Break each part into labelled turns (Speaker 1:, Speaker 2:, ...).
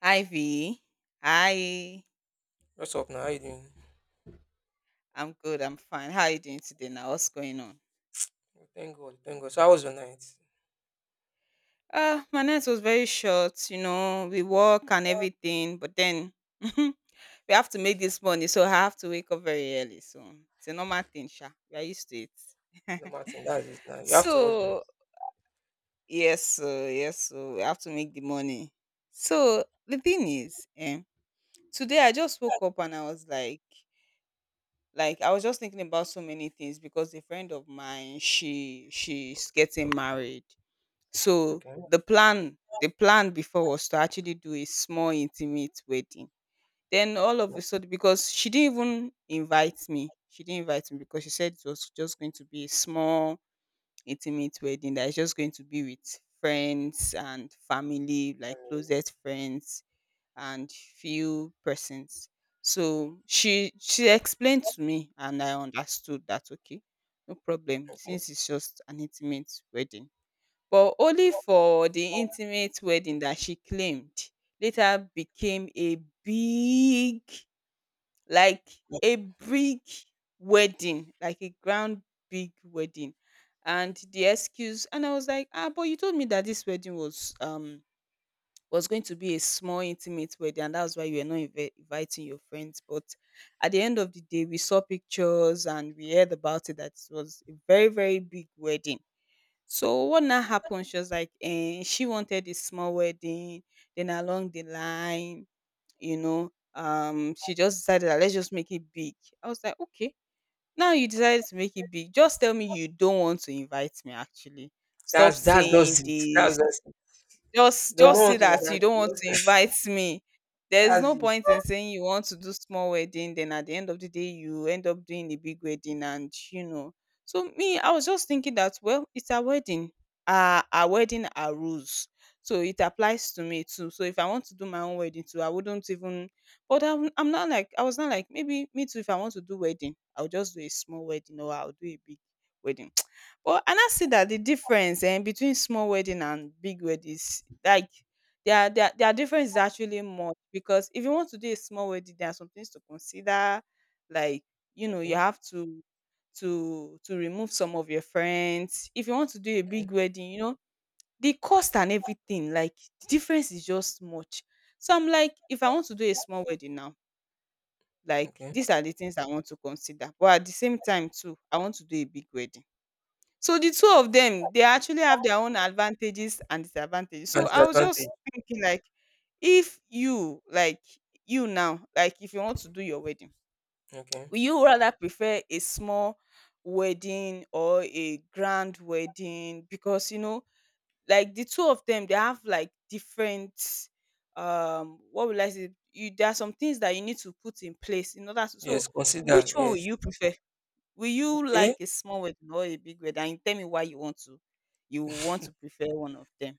Speaker 1: Ivy, V. Hi.
Speaker 2: What's up now? How you doing?
Speaker 1: I'm good. I'm fine. How are you doing today now? What's going on?
Speaker 2: Well, thank God, thank God. So how was your night?
Speaker 1: My night was very short, we work and everything, but then we have to make this money, so I have to wake up very early. So it's a normal thing, Sha. We are used to it.
Speaker 2: No Martin, that's it now. You have to hustle.
Speaker 1: So yes, so yes, so we have to make the money. So the thing is, today I just woke up and I was like I was just thinking about so many things because a friend of mine she's getting married. So
Speaker 2: Okay.
Speaker 1: the plan before was to actually do a small intimate wedding. Then all of a sudden, because she didn't even invite me, she didn't invite me because she said it was just going to be a small intimate wedding that is just going to be with friends and family, like closest friends and few persons. So she explained to me and I understood that okay, no problem,
Speaker 2: Okay.
Speaker 1: since it's just an intimate wedding. But only for the intimate wedding that she claimed later became like a big wedding, like a grand big wedding. And the excuse, and I was like, ah, but you told me that this wedding was going to be a small intimate wedding, and that's why you were not inviting your friends. But at the end of the day, we saw pictures and we heard about it that it was a very, very big wedding. So what now happened, she was like, eh, she wanted a small wedding, then along the line, she just decided that let's just make it big. I was like, okay, now you decided to make it big, just tell me you don't want to invite me. Actually stop
Speaker 2: That's just
Speaker 1: saying
Speaker 2: it. That's
Speaker 1: this,
Speaker 2: just it.
Speaker 1: just
Speaker 2: You don't
Speaker 1: just say
Speaker 2: want to
Speaker 1: that
Speaker 2: invite
Speaker 1: you don't want
Speaker 2: you.
Speaker 1: to invite me. There's
Speaker 2: That's
Speaker 1: no
Speaker 2: it.
Speaker 1: point in saying you want to do small wedding, then at the end of the day you end up doing a big wedding, and. So me, I was just thinking that well, it's a wedding. Uh, our wedding are rules. So it applies to me too. So if I want to do my own wedding too, I wouldn't even, but I'm not like, I was not like maybe me too, if I want to do wedding, I'll just do a small wedding or I'll do a big wedding. Well, and I see that the difference, between small wedding and big weddings, like their difference is actually much, because if you want to do a small wedding, there are some things to consider, like you know you
Speaker 2: Okay.
Speaker 1: have to to remove some of your friends. If you want to do a
Speaker 2: Okay.
Speaker 1: big wedding, you know the cost and everything, like the difference is just much. So I'm like, if I want to do a small wedding now, like
Speaker 2: Okay.
Speaker 1: these are the things I want to consider, but at the same time too, I want to do a big wedding. So the two of them, they actually have their own advantages and disadvantages.
Speaker 2: And
Speaker 1: So I was just
Speaker 2: disadvantage.
Speaker 1: thinking, like, if you, like, you now, like, if you want to do your wedding,
Speaker 2: Okay.
Speaker 1: would you rather prefer a small wedding or a grand wedding? Because you know, like, the two of them, they have like different, what will I say? You, there are some things that you need to put in place in order to.
Speaker 2: Yes,
Speaker 1: So,
Speaker 2: consider.
Speaker 1: which one will
Speaker 2: Yes.
Speaker 1: you prefer? Will you like
Speaker 2: Okay.
Speaker 1: a small wedding or a big wedding? And tell me why you want to prefer one of them,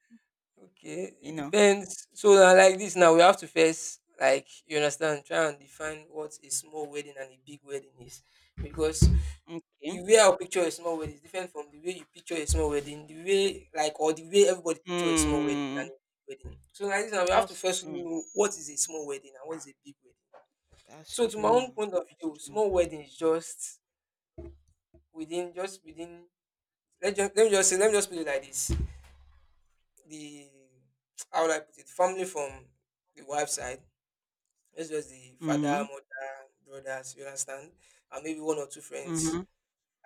Speaker 2: Okay.
Speaker 1: you
Speaker 2: It
Speaker 1: know?
Speaker 2: depends. So na like this now we have to first, like, you understand, try and define what a small wedding and a big wedding is. Because
Speaker 1: Okay.
Speaker 2: the way I picture a small wedding is different from the way you picture a small wedding, the way, like, or the way everybody picture a small wedding and
Speaker 1: Hmm.
Speaker 2: a big wedding. So like this now we have to
Speaker 1: That's
Speaker 2: first
Speaker 1: true.
Speaker 2: know what is a small wedding and what is a big wedding.
Speaker 1: That's
Speaker 2: So to my own
Speaker 1: true.
Speaker 2: point of
Speaker 1: That's
Speaker 2: view,
Speaker 1: true.
Speaker 2: small wedding is just within, let me just say, let me just put it like this. The How would I put it? Family from the wife side. It's just the father,
Speaker 1: Mhm.
Speaker 2: mother, brothers, you understand? And maybe one or two friends.
Speaker 1: Mhm.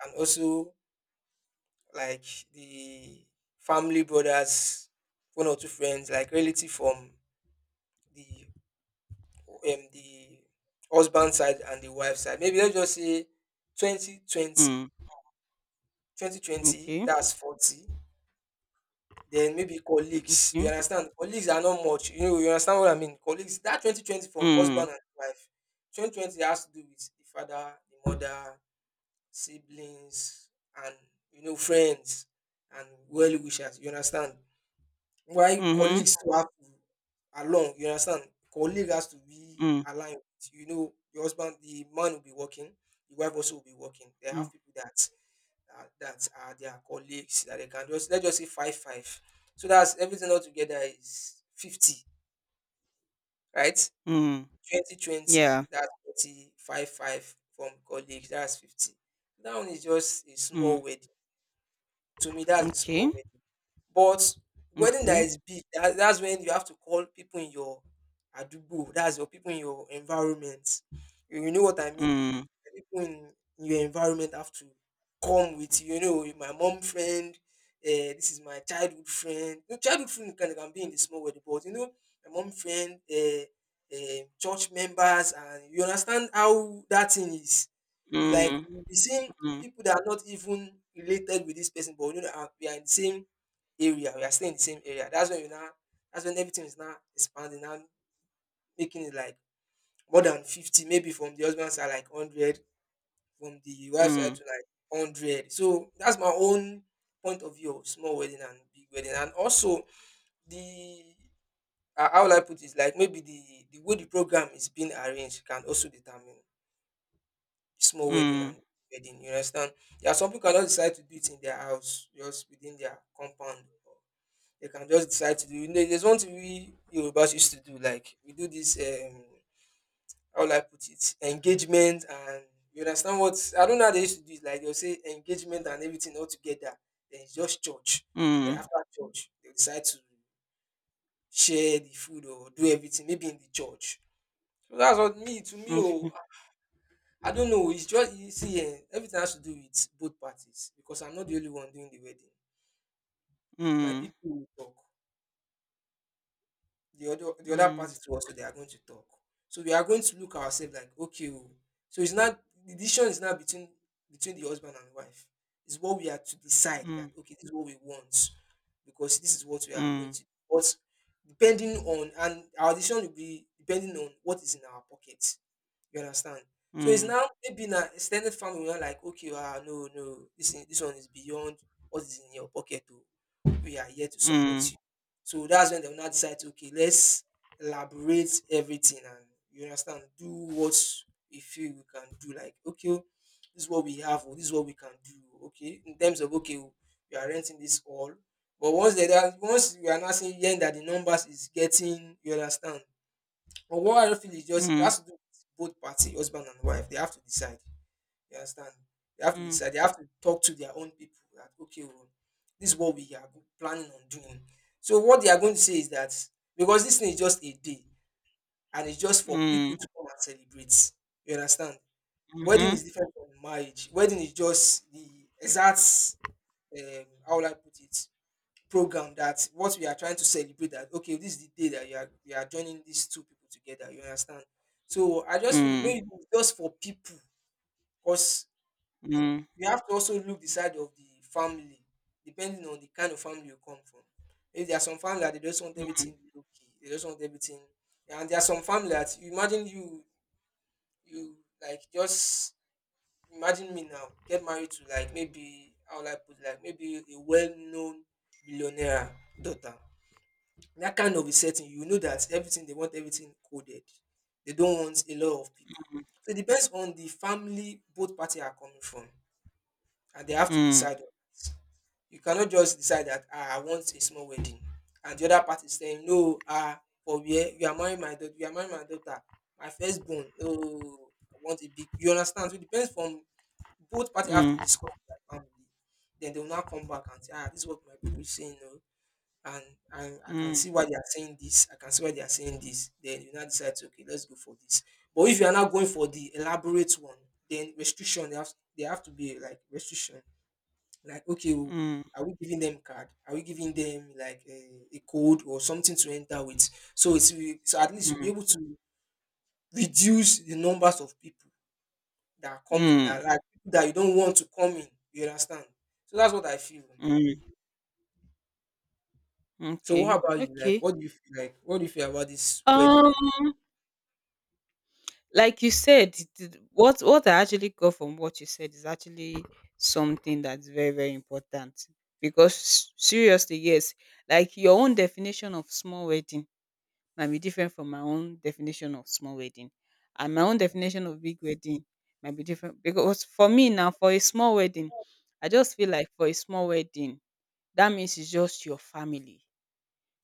Speaker 2: And also, like, the family brothers, one or two friends, like relative from the the husband side and the wife side. Maybe let's just say 2020.
Speaker 1: Mm.
Speaker 2: 2020,
Speaker 1: Okay.
Speaker 2: that's 40. Then maybe colleagues. You
Speaker 1: Mm.
Speaker 2: understand? Colleagues are not much. You know, you understand what I mean? Colleagues, that 2020 from
Speaker 1: Mm.
Speaker 2: husband and wife. 2020 has to do with the father, the mother, siblings, and, you know, friends and well wishers. You understand? While
Speaker 1: Mhm.
Speaker 2: colleagues too have to along, you understand? Colleague has to be
Speaker 1: Mm.
Speaker 2: aligned with. You know, your husband, the man will be working, the wife also will be working. They
Speaker 1: Mm.
Speaker 2: have people that that are their colleagues that they can, just let's just say, five five. So that's everything all together is 50, right?
Speaker 1: Mm.
Speaker 2: 20, 20,
Speaker 1: Yeah.
Speaker 2: that's forty five five from colleagues, that's 50. That one is just a small
Speaker 1: Mm.
Speaker 2: wedding. To me, that's a small
Speaker 1: Okay.
Speaker 2: wedding. But wedding that
Speaker 1: Okay.
Speaker 2: is big, that's when you have to call people in your adubo. That's your people in your environment. You know what I mean?
Speaker 1: Mm.
Speaker 2: The people in your environment have to come with you. You know, my mom friend. This is my childhood friend. No, childhood friend can be in the small wedding, but you know, my mom friend, church members, and you understand how that thing is. You like
Speaker 1: Mm.
Speaker 2: you be seeing
Speaker 1: Mm.
Speaker 2: people that are not even related with this person, but, you know, we are in the same area, we are still in the same area. That's when you now that's when everything is now expanding, now making it like more than 50, maybe from the husband side like 100, from the wife side to
Speaker 1: Mm.
Speaker 2: like 100. So that's my own point of view of small wedding and big wedding. And also, the how will I put it, like maybe the way the program is being arranged can also determine small wedding
Speaker 1: Mm.
Speaker 2: and big wedding. You understand? There are some people cannot decide to do it in their house, just within their compound. They can just decide to do. You know, there's one thing we Yorubas used to do, like we do this, how will I put it? Engagement and, you understand, what I don't know how they used to do it, like they'll say engagement and everything all together. Then it's just church. Then
Speaker 1: Mm.
Speaker 2: after church, they decide to share the food or do everything, maybe in the church. So that's what me, to me, oh,
Speaker 1: Okay.
Speaker 2: I don't know. It's just you see, eh, everything has to do with both parties because I'm not the only one doing the wedding. My
Speaker 1: Mm.
Speaker 2: people will talk. The other party
Speaker 1: Mm.
Speaker 2: to us, so they are going to talk. So we are going to look ourselves like, okay, oh. So it's not, the decision is not between the husband and wife. It's what we are to decide that,
Speaker 1: Mm.
Speaker 2: okay, this is what we want because this is what we are going
Speaker 1: Mm.
Speaker 2: to do. But depending on, and our decision will be depending on what is in our pocket. You understand? So it's
Speaker 1: Mm.
Speaker 2: now maybe in an extended family, we're like, okay, ah, no, no, this one is beyond what is in your pocket. Oh, we are here to support
Speaker 1: Mm.
Speaker 2: you. So that's when they will now decide, okay, let's elaborate everything and, you understand, do what we feel we can do. Like, okay, oh, this is what we have, or this is what we can do. Oh, okay, in terms of, okay, oh, we are renting this all. But once they are once we are not saying, yeah, that the numbers is getting, you understand. But what I feel is just it
Speaker 1: Mm.
Speaker 2: has to do with both party, husband and wife. They have to decide. You understand? They have to
Speaker 1: Mm,
Speaker 2: decide. They have to talk to their own people that, okay, well, this is what we are planning on doing. So what they are going to say is that because this thing is just a day and it's just for people
Speaker 1: mm,
Speaker 2: to come and celebrate. You understand? Wedding
Speaker 1: mhm,
Speaker 2: is different from marriage. Wedding is just the exact, how will I put it, program that what we are trying to celebrate that, okay, this is the day that you are we are joining these two people together. You understand? So I just feel
Speaker 1: mm,
Speaker 2: maybe it's just for people because
Speaker 1: mm,
Speaker 2: you have to also look the side of the family, depending on the kind of family you come from. If there are some family that they just want everything low key, they just want everything. And there are some family that you imagine you like, just imagine me now get married to like maybe, how will I put it, like maybe a well-known billionaire daughter. That kind of a setting, you know that everything they want everything coded. They don't want a lot of people. So it depends on the family both party are coming from, and they have to
Speaker 1: mm,
Speaker 2: decide on it. You cannot just decide that, ah, I want a small wedding and the other party is saying, no, ah, for where you are marrying my daughter, you are marrying my daughter, my firstborn, no, I want a big, you understand. So it depends from both parties have to
Speaker 1: mm,
Speaker 2: discuss with their family, then they will now come back and say, ah, this is what my people is saying, no, and and I can
Speaker 1: mm,
Speaker 2: see why they are saying this, I can see why they are saying this, then you now decide to, okay, let's go for this. But if you are not going for the elaborate one, then restriction they have to be like restriction, like, okay, oh,
Speaker 1: mm,
Speaker 2: are we giving them card? Are we giving them like a code or something to enter with? So it's so at least you'll be
Speaker 1: mm,
Speaker 2: able to reduce the numbers of people that are coming, that,
Speaker 1: mm,
Speaker 2: like people that you don't want to come in. You understand? So that's what I feel.
Speaker 1: mm.
Speaker 2: So what
Speaker 1: Okay,
Speaker 2: about you? Like,
Speaker 1: okay.
Speaker 2: what do you feel like? What do you feel about this wedding?
Speaker 1: Um, like you said, what I actually got from what you said is actually something that's very, very important, because seriously, yes, like your own definition of small wedding might be different from my own definition of small wedding. And my own
Speaker 2: Mhm.
Speaker 1: definition of big wedding might be different, because for me now, for a small wedding, I just feel like for a small wedding, that means it's just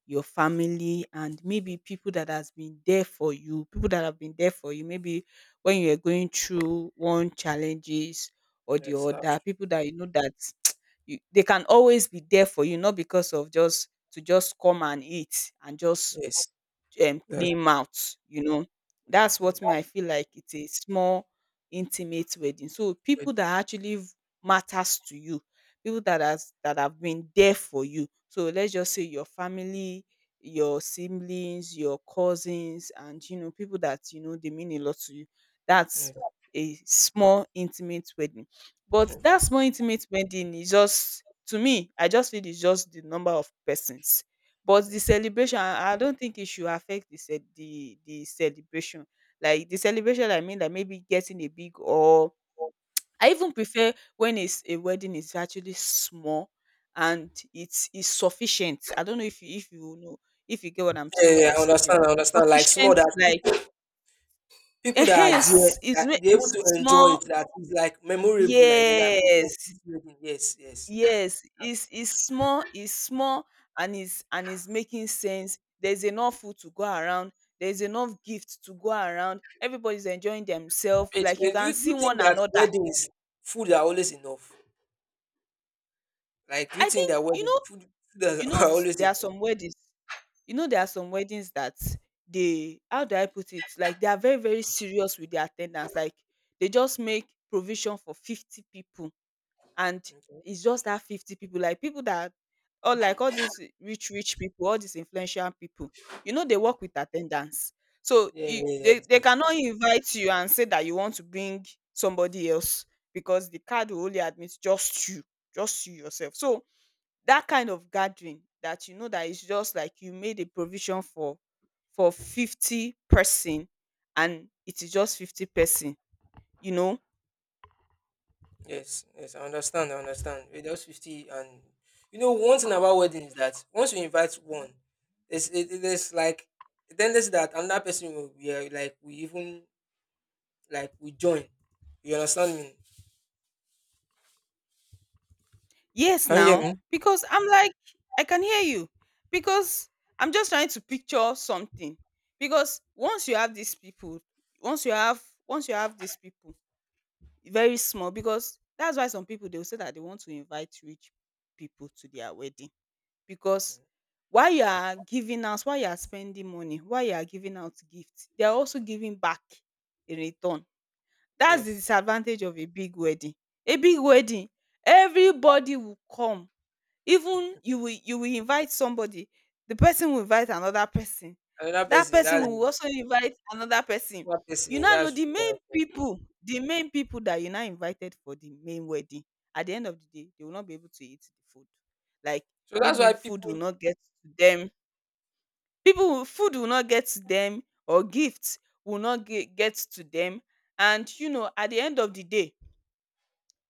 Speaker 1: your family, and maybe people that has been there for you, people that have been there for you, maybe when you are going through one challenges or the
Speaker 2: Yes, that's
Speaker 1: other,
Speaker 2: true.
Speaker 1: people that you know that you, they can always be there for you, not because of just to just come and eat and just
Speaker 2: Yes, that's
Speaker 1: clean mouth, you know. That's
Speaker 2: true.
Speaker 1: what me
Speaker 2: Mm,
Speaker 1: I feel like it's a small intimate wedding. So
Speaker 2: wedding.
Speaker 1: people that actually matters to you, people that has that have been there for you. So let's just say your family, your siblings, your cousins, and you know people that you know they mean a lot to you. That's
Speaker 2: Yes.
Speaker 1: a small intimate wedding. But that small intimate wedding is just, to me, I just feel it's just the number of persons. But the
Speaker 2: Okay.
Speaker 1: celebration, I don't think it should affect the ce the celebration. Like the celebration, I mean, like maybe getting a big, or I even prefer when it's a wedding is actually small and it's sufficient. I don't know if you, if you know, if you get what I'm
Speaker 2: Yeah,
Speaker 1: saying
Speaker 2: yeah,
Speaker 1: by
Speaker 2: I
Speaker 1: sufficient.
Speaker 2: understand. I understand. Like small,
Speaker 1: Sufficient, like
Speaker 2: that people that are there,
Speaker 1: hence is
Speaker 2: that they're able
Speaker 1: is
Speaker 2: to enjoy
Speaker 1: small.
Speaker 2: it, that is like memorable, like they're like, "Oh, yes,
Speaker 1: Yes.
Speaker 2: this wedding, yes, yes."
Speaker 1: Yes, it's small, it's small, and it's making sense. There's enough food to go around. There's enough gifts to go around. Everybody's enjoying themselves.
Speaker 2: Wait,
Speaker 1: Like
Speaker 2: wait,
Speaker 1: you
Speaker 2: do
Speaker 1: can
Speaker 2: you,
Speaker 1: see
Speaker 2: think
Speaker 1: one
Speaker 2: that
Speaker 1: another.
Speaker 2: weddings, food are always enough? Like, do you
Speaker 1: I
Speaker 2: think
Speaker 1: think
Speaker 2: that wedding food
Speaker 1: you
Speaker 2: are
Speaker 1: know,
Speaker 2: are always
Speaker 1: there are
Speaker 2: enough?
Speaker 1: some weddings. You know, there are some weddings that they, how do I put it? Like they are very, very serious with their attendance. Like they just make provision for 50 people, and
Speaker 2: Okay.
Speaker 1: it's just that 50 people, like people that, or like all these rich rich people, all these influential people, you know they
Speaker 2: Yeah.
Speaker 1: work with attendance, so
Speaker 2: Yeah, yeah,
Speaker 1: you,
Speaker 2: yeah, yes,
Speaker 1: they
Speaker 2: yes,
Speaker 1: cannot invite you and say that you want to bring somebody else, because the card will only admit just you, just you yourself. So that kind of gathering that you know that it's just like you made a provision for 50 person, and it is just 50 person, you know.
Speaker 2: yes, yes. I understand. I understand. With those 50, and, you know, one thing about wedding is that once you invite one, there's like, then there's that another person will, yeah, like we even, like we join. You understand me?
Speaker 1: Yes,
Speaker 2: Can you hear
Speaker 1: now
Speaker 2: me?
Speaker 1: because I'm like, I can hear you, because I'm just trying to picture something. Because once you have these people, once you have once you have these people, very small. Because that's why some people, they will say that they want to invite rich people to their wedding, because
Speaker 2: Okay.
Speaker 1: while you are giving out, while you are spending money, while you are giving out gifts, they are also giving back in return. That's the
Speaker 2: Yes.
Speaker 1: disadvantage of a big wedding. A big wedding, everybody will come, even you will, you will invite somebody, the person will invite another person,
Speaker 2: Another
Speaker 1: that
Speaker 2: person,
Speaker 1: person
Speaker 2: that's
Speaker 1: will also invite another person.
Speaker 2: another
Speaker 1: You
Speaker 2: person,
Speaker 1: now know
Speaker 2: that's
Speaker 1: the
Speaker 2: true.
Speaker 1: main
Speaker 2: That's true.
Speaker 1: people, the main people that you now invited for the main wedding, at the end of the day they will not be able to eat the food, like
Speaker 2: So that's
Speaker 1: maybe
Speaker 2: why
Speaker 1: food will
Speaker 2: people
Speaker 1: not get to them, people will, food will not get to them, or gifts will not get to them. And you know at the end of the day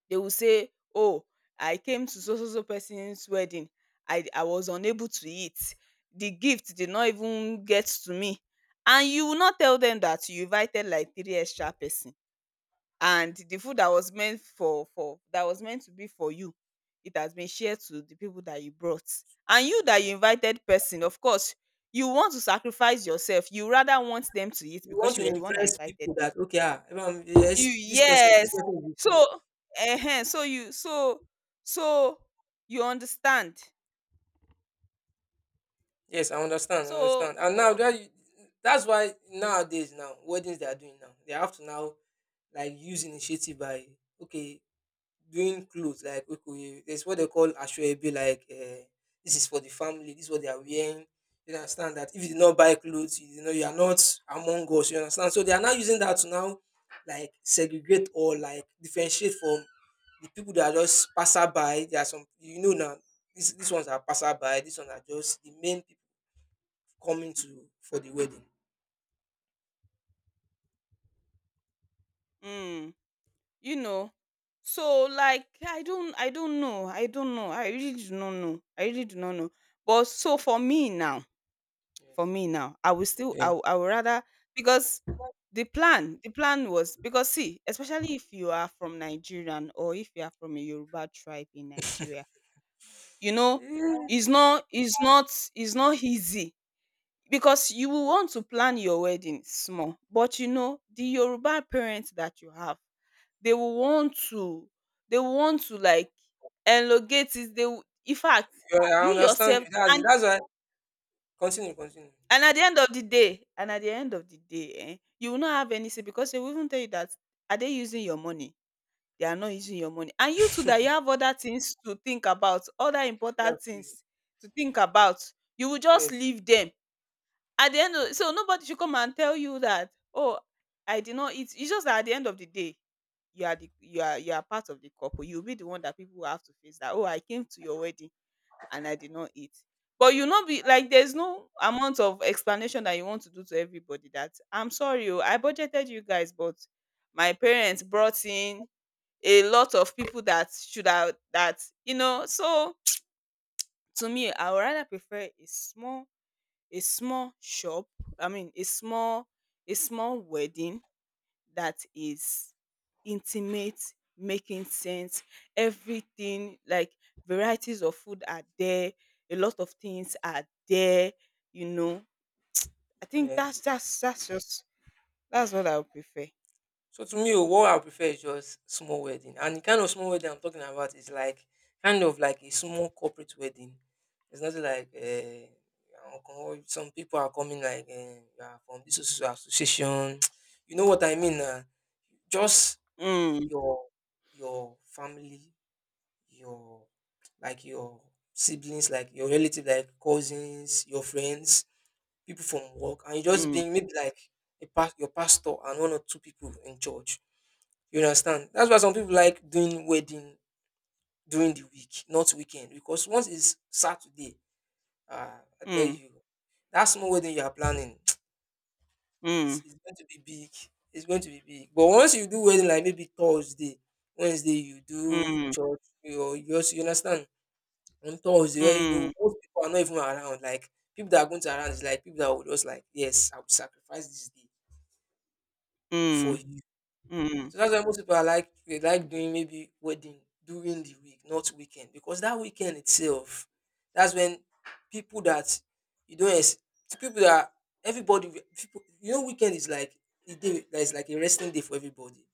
Speaker 1: they will say, "Oh, I came to so so so person's wedding. I was unable to eat. The gift did not even get to me." And you will not tell them that you invited like three extra person, and the food that was meant for that was meant to be for you, it has been shared to the people that you brought. And you that you invited person, of course, you want to sacrifice yourself. You rather want them to eat
Speaker 2: you
Speaker 1: because
Speaker 2: want
Speaker 1: you
Speaker 2: to
Speaker 1: were the one that
Speaker 2: impress
Speaker 1: invited
Speaker 2: people
Speaker 1: them,
Speaker 2: that, okay, ah, everyone,
Speaker 1: you,
Speaker 2: yes, this
Speaker 1: yes.
Speaker 2: person is with me.
Speaker 1: So ehen, so you understand.
Speaker 2: Yes, I understand, I
Speaker 1: So
Speaker 2: understand. And that's why nowadays now weddings they are doing now. They have to now like use initiative by okay, doing clothes like okoye, there's what they call ashwebe, like this is for the family, this is what they are wearing. You understand that if you did not buy clothes, you know you are not among us, you understand? So they are now using that to now like segregate or like differentiate from the people that are just passerby. There are some, you know now, this, these ones are passerby, these ones are just the main people coming to for the wedding.
Speaker 1: mm, you know. So like I don't know. I don't know. I really do not know. I really do not know. But so for
Speaker 2: Yes.
Speaker 1: me now, I will still I,
Speaker 2: Yes.
Speaker 1: will- I would rather, because the plan was, because see, especially if you are from Nigerian or if you are from a Yoruba tribe in Nigeria, you know,
Speaker 2: Yeah,
Speaker 1: it's not easy because you will want to plan your wedding small, but you know the yoruba parents that you have, they will want to, they will want to like elongate it. They will in fact,
Speaker 2: yeah, I
Speaker 1: you
Speaker 2: understand you,
Speaker 1: yourself,
Speaker 2: that's it.
Speaker 1: and
Speaker 2: That's why. Continue, continue.
Speaker 1: and at the end of the day, eh, you will not have any say because they will even tell you that, are they using your money? They are not using your money. And you too, that you have other things to think about, other important
Speaker 2: That's it.
Speaker 1: things to think about, you will just
Speaker 2: Yes.
Speaker 1: leave them. At the end of, so nobody should come and tell you that, "Oh, I did not eat." It's just that at the end of the day, you are part of the couple. You'll be the one that people will have to face that, "Oh, I came to your wedding and I did not eat." But you not be like, there's no amount of explanation that you want to do to everybody that, "I'm sorry oh, I budgeted you guys, but my parents brought in a lot of people that should have that," you know. So to me, I would rather prefer a small, a small shop, I mean a small, a small wedding that is intimate, making sense, everything like varieties of food are there, a lot of things are there, you know. I think
Speaker 2: Yes.
Speaker 1: that's just that's what I would prefer.
Speaker 2: So to me, oh, what I prefer is just small wedding. And the kind of small wedding I'm talking about is like kind of like a small corporate wedding. It's not like some people are coming like you are from this so association. You know what I mean? Just
Speaker 1: Mm,
Speaker 2: your your family, your, like your siblings, like your relative, like cousins, your friends, people from work, and you just
Speaker 1: mm,
Speaker 2: being maybe like your pastor and one or two people in church, you understand? That's why some people like doing wedding during the week, not weekend, because once it's Saturday, I tell
Speaker 1: mm,
Speaker 2: you, that small wedding you are planning is
Speaker 1: mm,
Speaker 2: is going to be big. It's going to be big. But once you do wedding, like maybe Thursday, Wednesday, you do
Speaker 1: mm,
Speaker 2: church, you also, you understand? On Thursday, where you
Speaker 1: mm,
Speaker 2: know most people are not even around. Like people that are going to around is like people that would just like, yes, I will sacrifice this day for
Speaker 1: mm,
Speaker 2: you.
Speaker 1: mm.
Speaker 2: So that's why most people are like they like doing maybe wedding during the week, not weekend, because that weekend itself, that's when people that you don't ex- to people that everybody, people, you know, weekend is like a day that is like a resting day for everybody.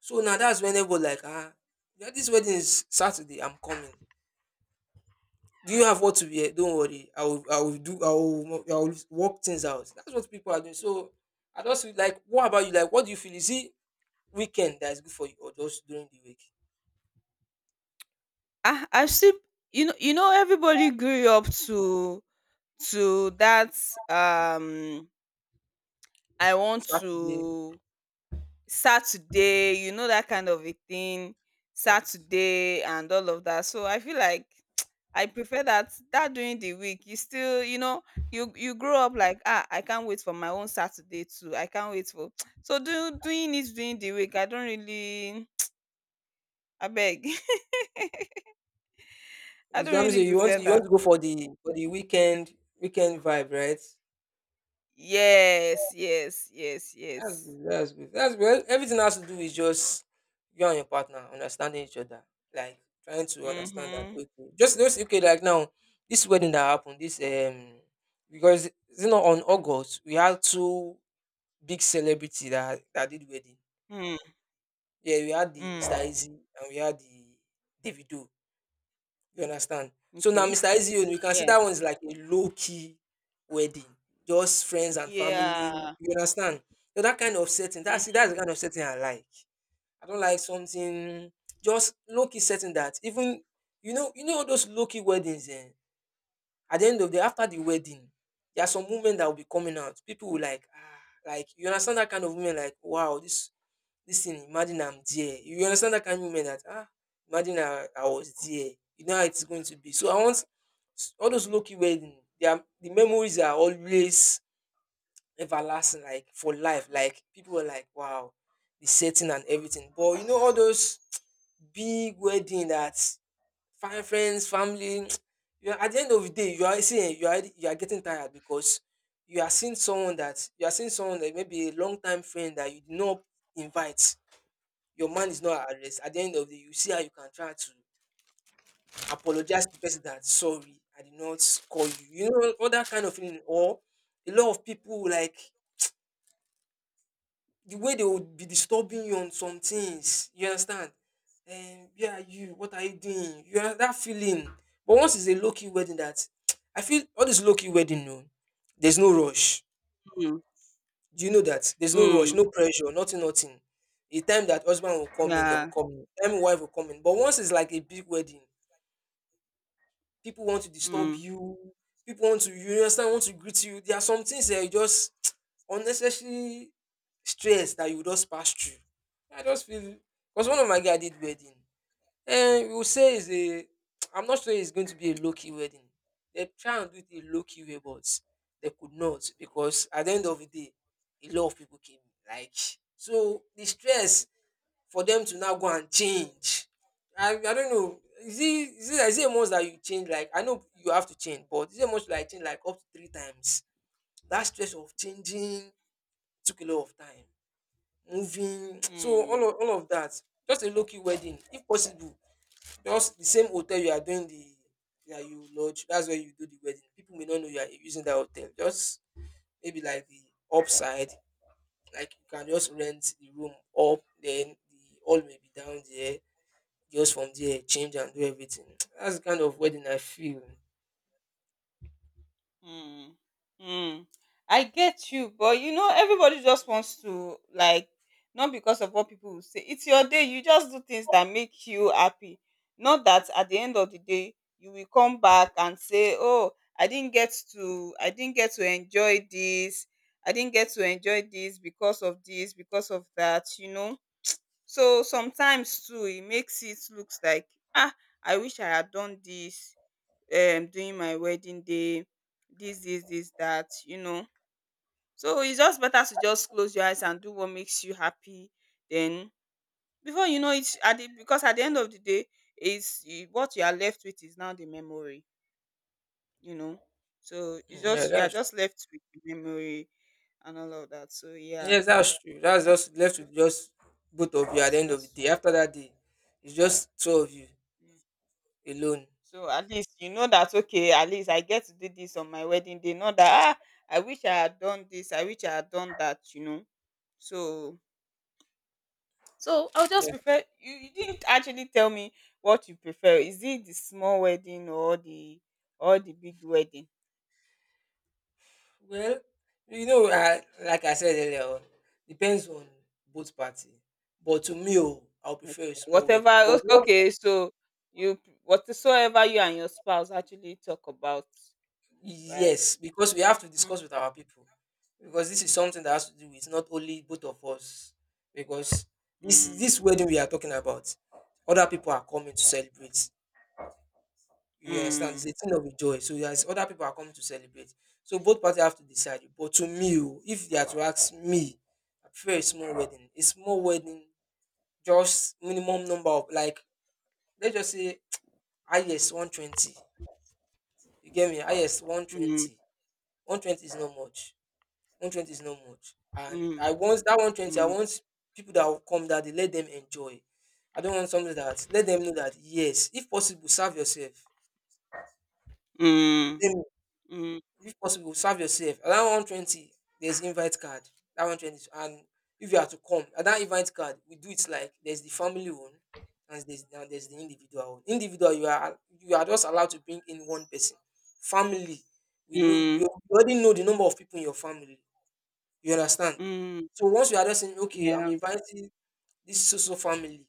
Speaker 2: So now that's when everybody like, yeah, this wedding is Saturday, I'm coming. Do you have what to wear? Don't worry, I will do I will work things out. That's what people are doing. So I just feel like, what about you? Like what do you feel? Is it weekend that is good for you or just during the week?
Speaker 1: I see. You know, everybody grew up to that, um I want
Speaker 2: Saturday.
Speaker 1: to, Saturday, you know, that kind of a thing,
Speaker 2: Yes.
Speaker 1: Saturday and all of that. So I feel like, I prefer that, during the week. You still, you know, you grow up like, ah, I can't wait for my own Saturday too. I can't wait for, so do doing it during the week, I don't really, I beg. I
Speaker 2: You,
Speaker 1: don't
Speaker 2: that means
Speaker 1: really
Speaker 2: you want
Speaker 1: prefer
Speaker 2: you want
Speaker 1: that.
Speaker 2: to go for the weekend vibe, right?
Speaker 1: Yes, yes, yes,
Speaker 2: That's
Speaker 1: yes.
Speaker 2: good. That's good. That's good. Well, everything has to do with just you and your partner understanding each other, like trying to understand that.
Speaker 1: Mm-hmm.
Speaker 2: Okay, just okay. Like now, this wedding that happened, this, because you know on August we had two big celebrity that did wedding.
Speaker 1: Mm.
Speaker 2: Yeah, we had the Mr.
Speaker 1: Mm.
Speaker 2: Easy and we had the Davido. You understand? So now
Speaker 1: Okay.
Speaker 2: Mr. Easyone, we can see
Speaker 1: Yeah.
Speaker 2: that one is like a low key wedding, just friends and family. You
Speaker 1: Yeah.
Speaker 2: understand? So that kind of setting, that's it,
Speaker 1: Mm-hmm.
Speaker 2: that's the kind of setting I like. I don't like something, just low key setting that even you know those low key weddings. Eh, at the end of the after the wedding, there are some women that will be coming out. People will like, like you understand that kind of women like, wow, this thing, imagine I'm there. You understand that kind of moment that, imagine I was there. You know how it's going to be. So I want all those lucky wedding, they are, the memories are always everlasting, like for life. Like people were like, wow, the setting and everything. But you know, all those big wedding that fine friends, family. You are, at the end of the day, you are getting tired because you are seeing someone that maybe a long time friend that you did not invite, your man is not at rest. At the end of the day, you see how you can try to apologize to the person that sorry, I did not call you. You know, all that kind of feeling. Or a lot of people like the way they would be disturbing you on some things. You understand? And where are you? What are you doing? You have that feeling. But once it's a low key wedding, that I feel all this low key wedding, no, there's no rush.
Speaker 1: Hmm.
Speaker 2: Do you know that? There's no rush,
Speaker 1: Mm,
Speaker 2: no pressure, nothing, nothing. The time that husband will come in, they will
Speaker 1: yeah.
Speaker 2: come in. Time wife will come in. But once it's like a big wedding, people want to disturb
Speaker 1: Mm.
Speaker 2: you. People want to, you understand, want to greet you. There are some things that you just unnecessary stress that you just pass through. I just feel, because one of my guy did wedding. And we will say is a I'm not sure it's going to be a low key wedding. They try and do it a low key way, but they could not because at the end of the day, a lot of people came. Like so the stress for them to now go and change. I don't know. Is it, is it a must that you change? Like I know you have to change, but is it a like change like up to three times? That stress of changing took a lot of time. Moving, so
Speaker 1: Mm,
Speaker 2: all of that. Just a low key wedding, if possible. Just the same hotel you are doing the that you lodge. That's where you do the wedding. People may not know you are using that hotel. Just maybe like the upside, like you can just rent the room up, then the all may be down there, just from there change and do everything. That's the kind of wedding I feel.
Speaker 1: mm, mm. I get you, but you know, everybody just wants to like, not because of what people will say. It's your day. You just do things that make you happy. Not that at the end of the day you will come back and say, "Oh, I didn't get to enjoy this. I didn't get to enjoy this, because of that." You know. So sometimes too, it makes it looks like, ah, I wish I had done this during my wedding day, this, that, you know. So it's just better to just close your eyes and do what makes you happy. Then before you know it, at the, because at the end of the day, is, what you are left with is now the memory, you know. So it's
Speaker 2: Mm. Yeah,
Speaker 1: just, you are
Speaker 2: that's,
Speaker 1: just left with the memory and all of that, so yeah,
Speaker 2: yes, that's true. That's
Speaker 1: that's
Speaker 2: just left with just both of you at the end of the day.
Speaker 1: that's what
Speaker 2: After that day, it's just two of you
Speaker 1: I mean.
Speaker 2: alone.
Speaker 1: So at least you know that okay, at least I get to do this on my wedding day. Not that ah, I wish I had done this, I wish I had done that, you know. So so I'll just
Speaker 2: Yeah.
Speaker 1: prefer, you didn't actually tell me what you prefer. Is it the small wedding or the, or the big wedding?
Speaker 2: Well, you know, like I said earlier on, depends on both party. But to me, oh, I'll
Speaker 1: Okay.
Speaker 2: prefer a small
Speaker 1: Whatever
Speaker 2: wedding. But
Speaker 1: o-
Speaker 2: not.
Speaker 1: okay, so whatsoever you and your spouse actually talk about, right?
Speaker 2: Yes, because we have to
Speaker 1: Mm.
Speaker 2: discuss with our people. Because this is something that has to do with not only both of us. Because this
Speaker 1: Mm.
Speaker 2: wedding we are talking about, other people are coming to celebrate. You understand? It's
Speaker 1: Mm.
Speaker 2: a thing of joy. So there's other people are coming to celebrate. So both parties have to decide. But to me, oh, if they are to ask me, I prefer a small wedding. A small wedding, just minimum number of like, let's just say, highest 120. You get me? Highest 120. 120 is not much. 120 is not much. And
Speaker 1: Mm.
Speaker 2: I want that 120, I
Speaker 1: Mm.
Speaker 2: want people that will come that they let them enjoy. I don't want something that let them know that yes, if possible, serve yourself.
Speaker 1: Mm.
Speaker 2: Let them-
Speaker 1: Mm. Mm.
Speaker 2: If possible, serve yourself. At that 120, there's invite card. That 120, and if you are to come at that invite card, we do it like there's the family one and there's the individual one. Individual, you are just allowed to bring in one person. Family, we know, you
Speaker 1: mm.
Speaker 2: already know the number of people in your family. You understand?
Speaker 1: Mm,
Speaker 2: So once you are just saying, okay, I'm
Speaker 1: yeah,
Speaker 2: inviting this so so family,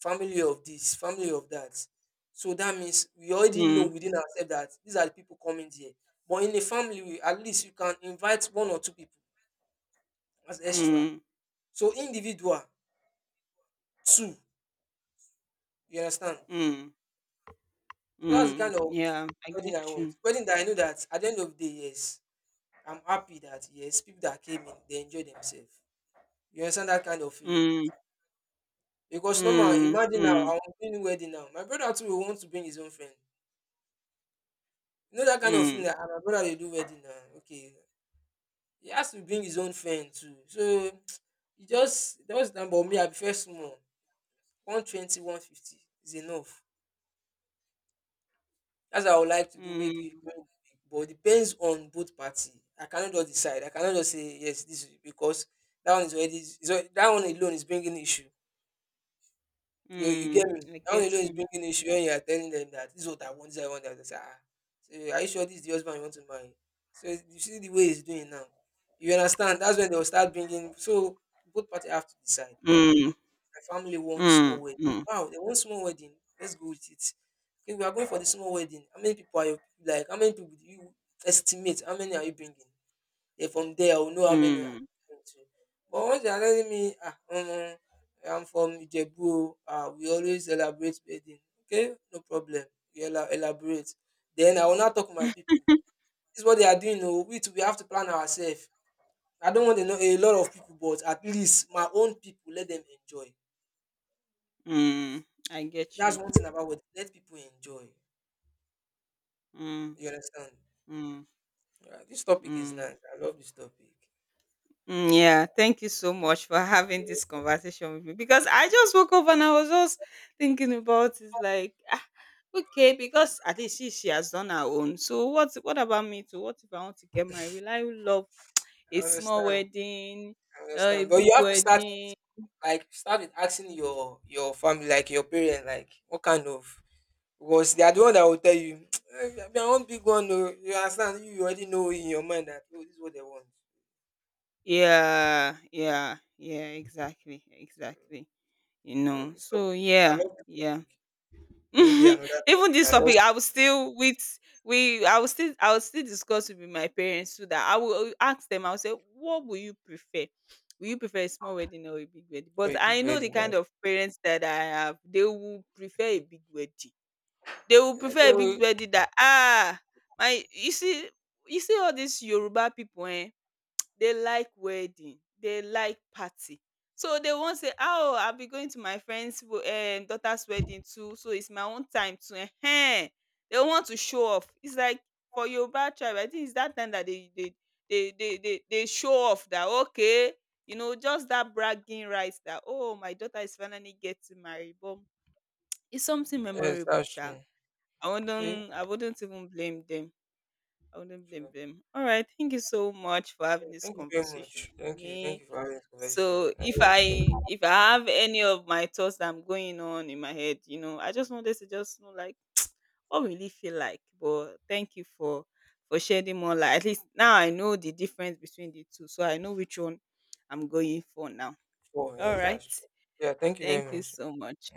Speaker 2: family of this, family of that. So that means we already know
Speaker 1: mm,
Speaker 2: within ourselves that these are the people coming here. But in a family, we, at least you can invite one or two people as extra.
Speaker 1: mm,
Speaker 2: So individual, two. You understand?
Speaker 1: mm,
Speaker 2: So that's the
Speaker 1: mm,
Speaker 2: kind of
Speaker 1: yeah, I
Speaker 2: wedding
Speaker 1: get
Speaker 2: I want.
Speaker 1: you.
Speaker 2: Wedding that I know that at the end of the day, yes, I'm happy that yes, people that came in, they enjoy themselves. You understand that kind of feeling?
Speaker 1: Mm,
Speaker 2: Because normal,
Speaker 1: mm,
Speaker 2: imagine now,
Speaker 1: mm,
Speaker 2: I'm doing wedding now. My brother too will want to bring his own friend. You know that kind of feeling.
Speaker 1: mm,
Speaker 2: Like, my brother they do wedding now. Okay, he has to bring his own friend too. So you just that was the number me. I prefer small. 120, 150 is enough. That's what I would like to do. Maybe
Speaker 1: mm,
Speaker 2: during the week. But it depends on both party. I cannot just decide. I cannot just say yes. This is because that one is already that one alone is bringing issue. You get me?
Speaker 1: mm, I
Speaker 2: That one
Speaker 1: get
Speaker 2: alone is
Speaker 1: you.
Speaker 2: bringing issue when you are telling them that this is what I want, this is what I want. They say, so are you sure this is the husband you want to marry? So you see the way he's doing now. You understand? That's when they'll start bringing. So both parties have to decide.
Speaker 1: Mm,
Speaker 2: My family wants small
Speaker 1: mm,
Speaker 2: wedding.
Speaker 1: mm,
Speaker 2: Wow, they want small wedding. Let's go with it. Okay, we are going for the small wedding. How many people are you like? How many people do you estimate? How many are you bringing? Then from there, I will know how many I
Speaker 1: mm,
Speaker 2: can bring too. But once they are telling me, I'm from Ijebu, o, we always celebrate wedding. Okay, no problem. We elaborate. Then I will not talk to my people. This is what they are doing. Oh, we too, we have to plan ourselves. I don't want to know a lot of people, but at least my own people, let them enjoy.
Speaker 1: mm, I get
Speaker 2: That's
Speaker 1: you.
Speaker 2: one thing about wedding. Let people enjoy.
Speaker 1: Mm,
Speaker 2: You understand?
Speaker 1: mm,
Speaker 2: Yeah, this topic is
Speaker 1: mm.
Speaker 2: nice. I love this topic.
Speaker 1: Mm, yeah, thank you so much for having this conversation with me, because I just woke up and I was just thinking about it like, ah, okay, because at least she has done her own. So what about me too? What if I want to get married? Will I love
Speaker 2: I
Speaker 1: a small
Speaker 2: understand.
Speaker 1: wedding,
Speaker 2: I
Speaker 1: a
Speaker 2: understand. But
Speaker 1: big
Speaker 2: you have to start
Speaker 1: wedding?
Speaker 2: like start with asking your family, like your parents, like what kind of, because they are the one that will tell you. "Eh, they are one big one, oh." You understand? You already know in your mind that oh, this is what they want.
Speaker 1: Yeah, yeah, yeah, exactly,
Speaker 2: So,
Speaker 1: exactly. You know.
Speaker 2: This
Speaker 1: So
Speaker 2: topic, I
Speaker 1: yeah,
Speaker 2: love this
Speaker 1: yeah.
Speaker 2: topic. Maybe another
Speaker 1: Even
Speaker 2: topic
Speaker 1: this
Speaker 2: and
Speaker 1: topic,
Speaker 2: just
Speaker 1: I will still discuss with my parents so that I will ask them. I will say, what will you prefer? Will you prefer a small wedding or a big wedding?
Speaker 2: throw
Speaker 1: But
Speaker 2: a big
Speaker 1: I know the
Speaker 2: wedding.
Speaker 1: kind
Speaker 2: Like.
Speaker 1: of parents that I have. They will prefer a big wedding. They will
Speaker 2: Yeah,
Speaker 1: prefer a big
Speaker 2: so
Speaker 1: wedding. That ah, my, you see, you see all these Yoruba people, eh? They like wedding, they like party. So they won't say, "Oh, I'll be going to my friend's daughter's wedding too, so it's my own time too. Ehen." They want to show off. It's like, for Yoruba tribe, I think it's that time that they show off that, okay, you know, just that bragging rights that, oh, my daughter is finally getting married. But it's something
Speaker 2: yes,
Speaker 1: memorable,
Speaker 2: that's
Speaker 1: sha.
Speaker 2: true.
Speaker 1: I
Speaker 2: Okay,
Speaker 1: wouldn't I wouldn't even blame them. I wouldn't blame
Speaker 2: sure.
Speaker 1: them. All right. Thank you so much for having this
Speaker 2: Thank you very
Speaker 1: conversation
Speaker 2: much.
Speaker 1: with
Speaker 2: Thank
Speaker 1: me.
Speaker 2: you for having this conversation.
Speaker 1: So
Speaker 2: I think, yeah.
Speaker 1: if I have any of my thoughts that I'm going on in my head, you know, I just wanted to just know like, what will it feel like? But thank you for shedding more light. At least now I know the difference between the two. So I know which one I'm going for now.
Speaker 2: Sure,
Speaker 1: All
Speaker 2: yes,
Speaker 1: right.
Speaker 2: that's true. Yeah, thank you
Speaker 1: Thank
Speaker 2: very
Speaker 1: you
Speaker 2: much.
Speaker 1: so much.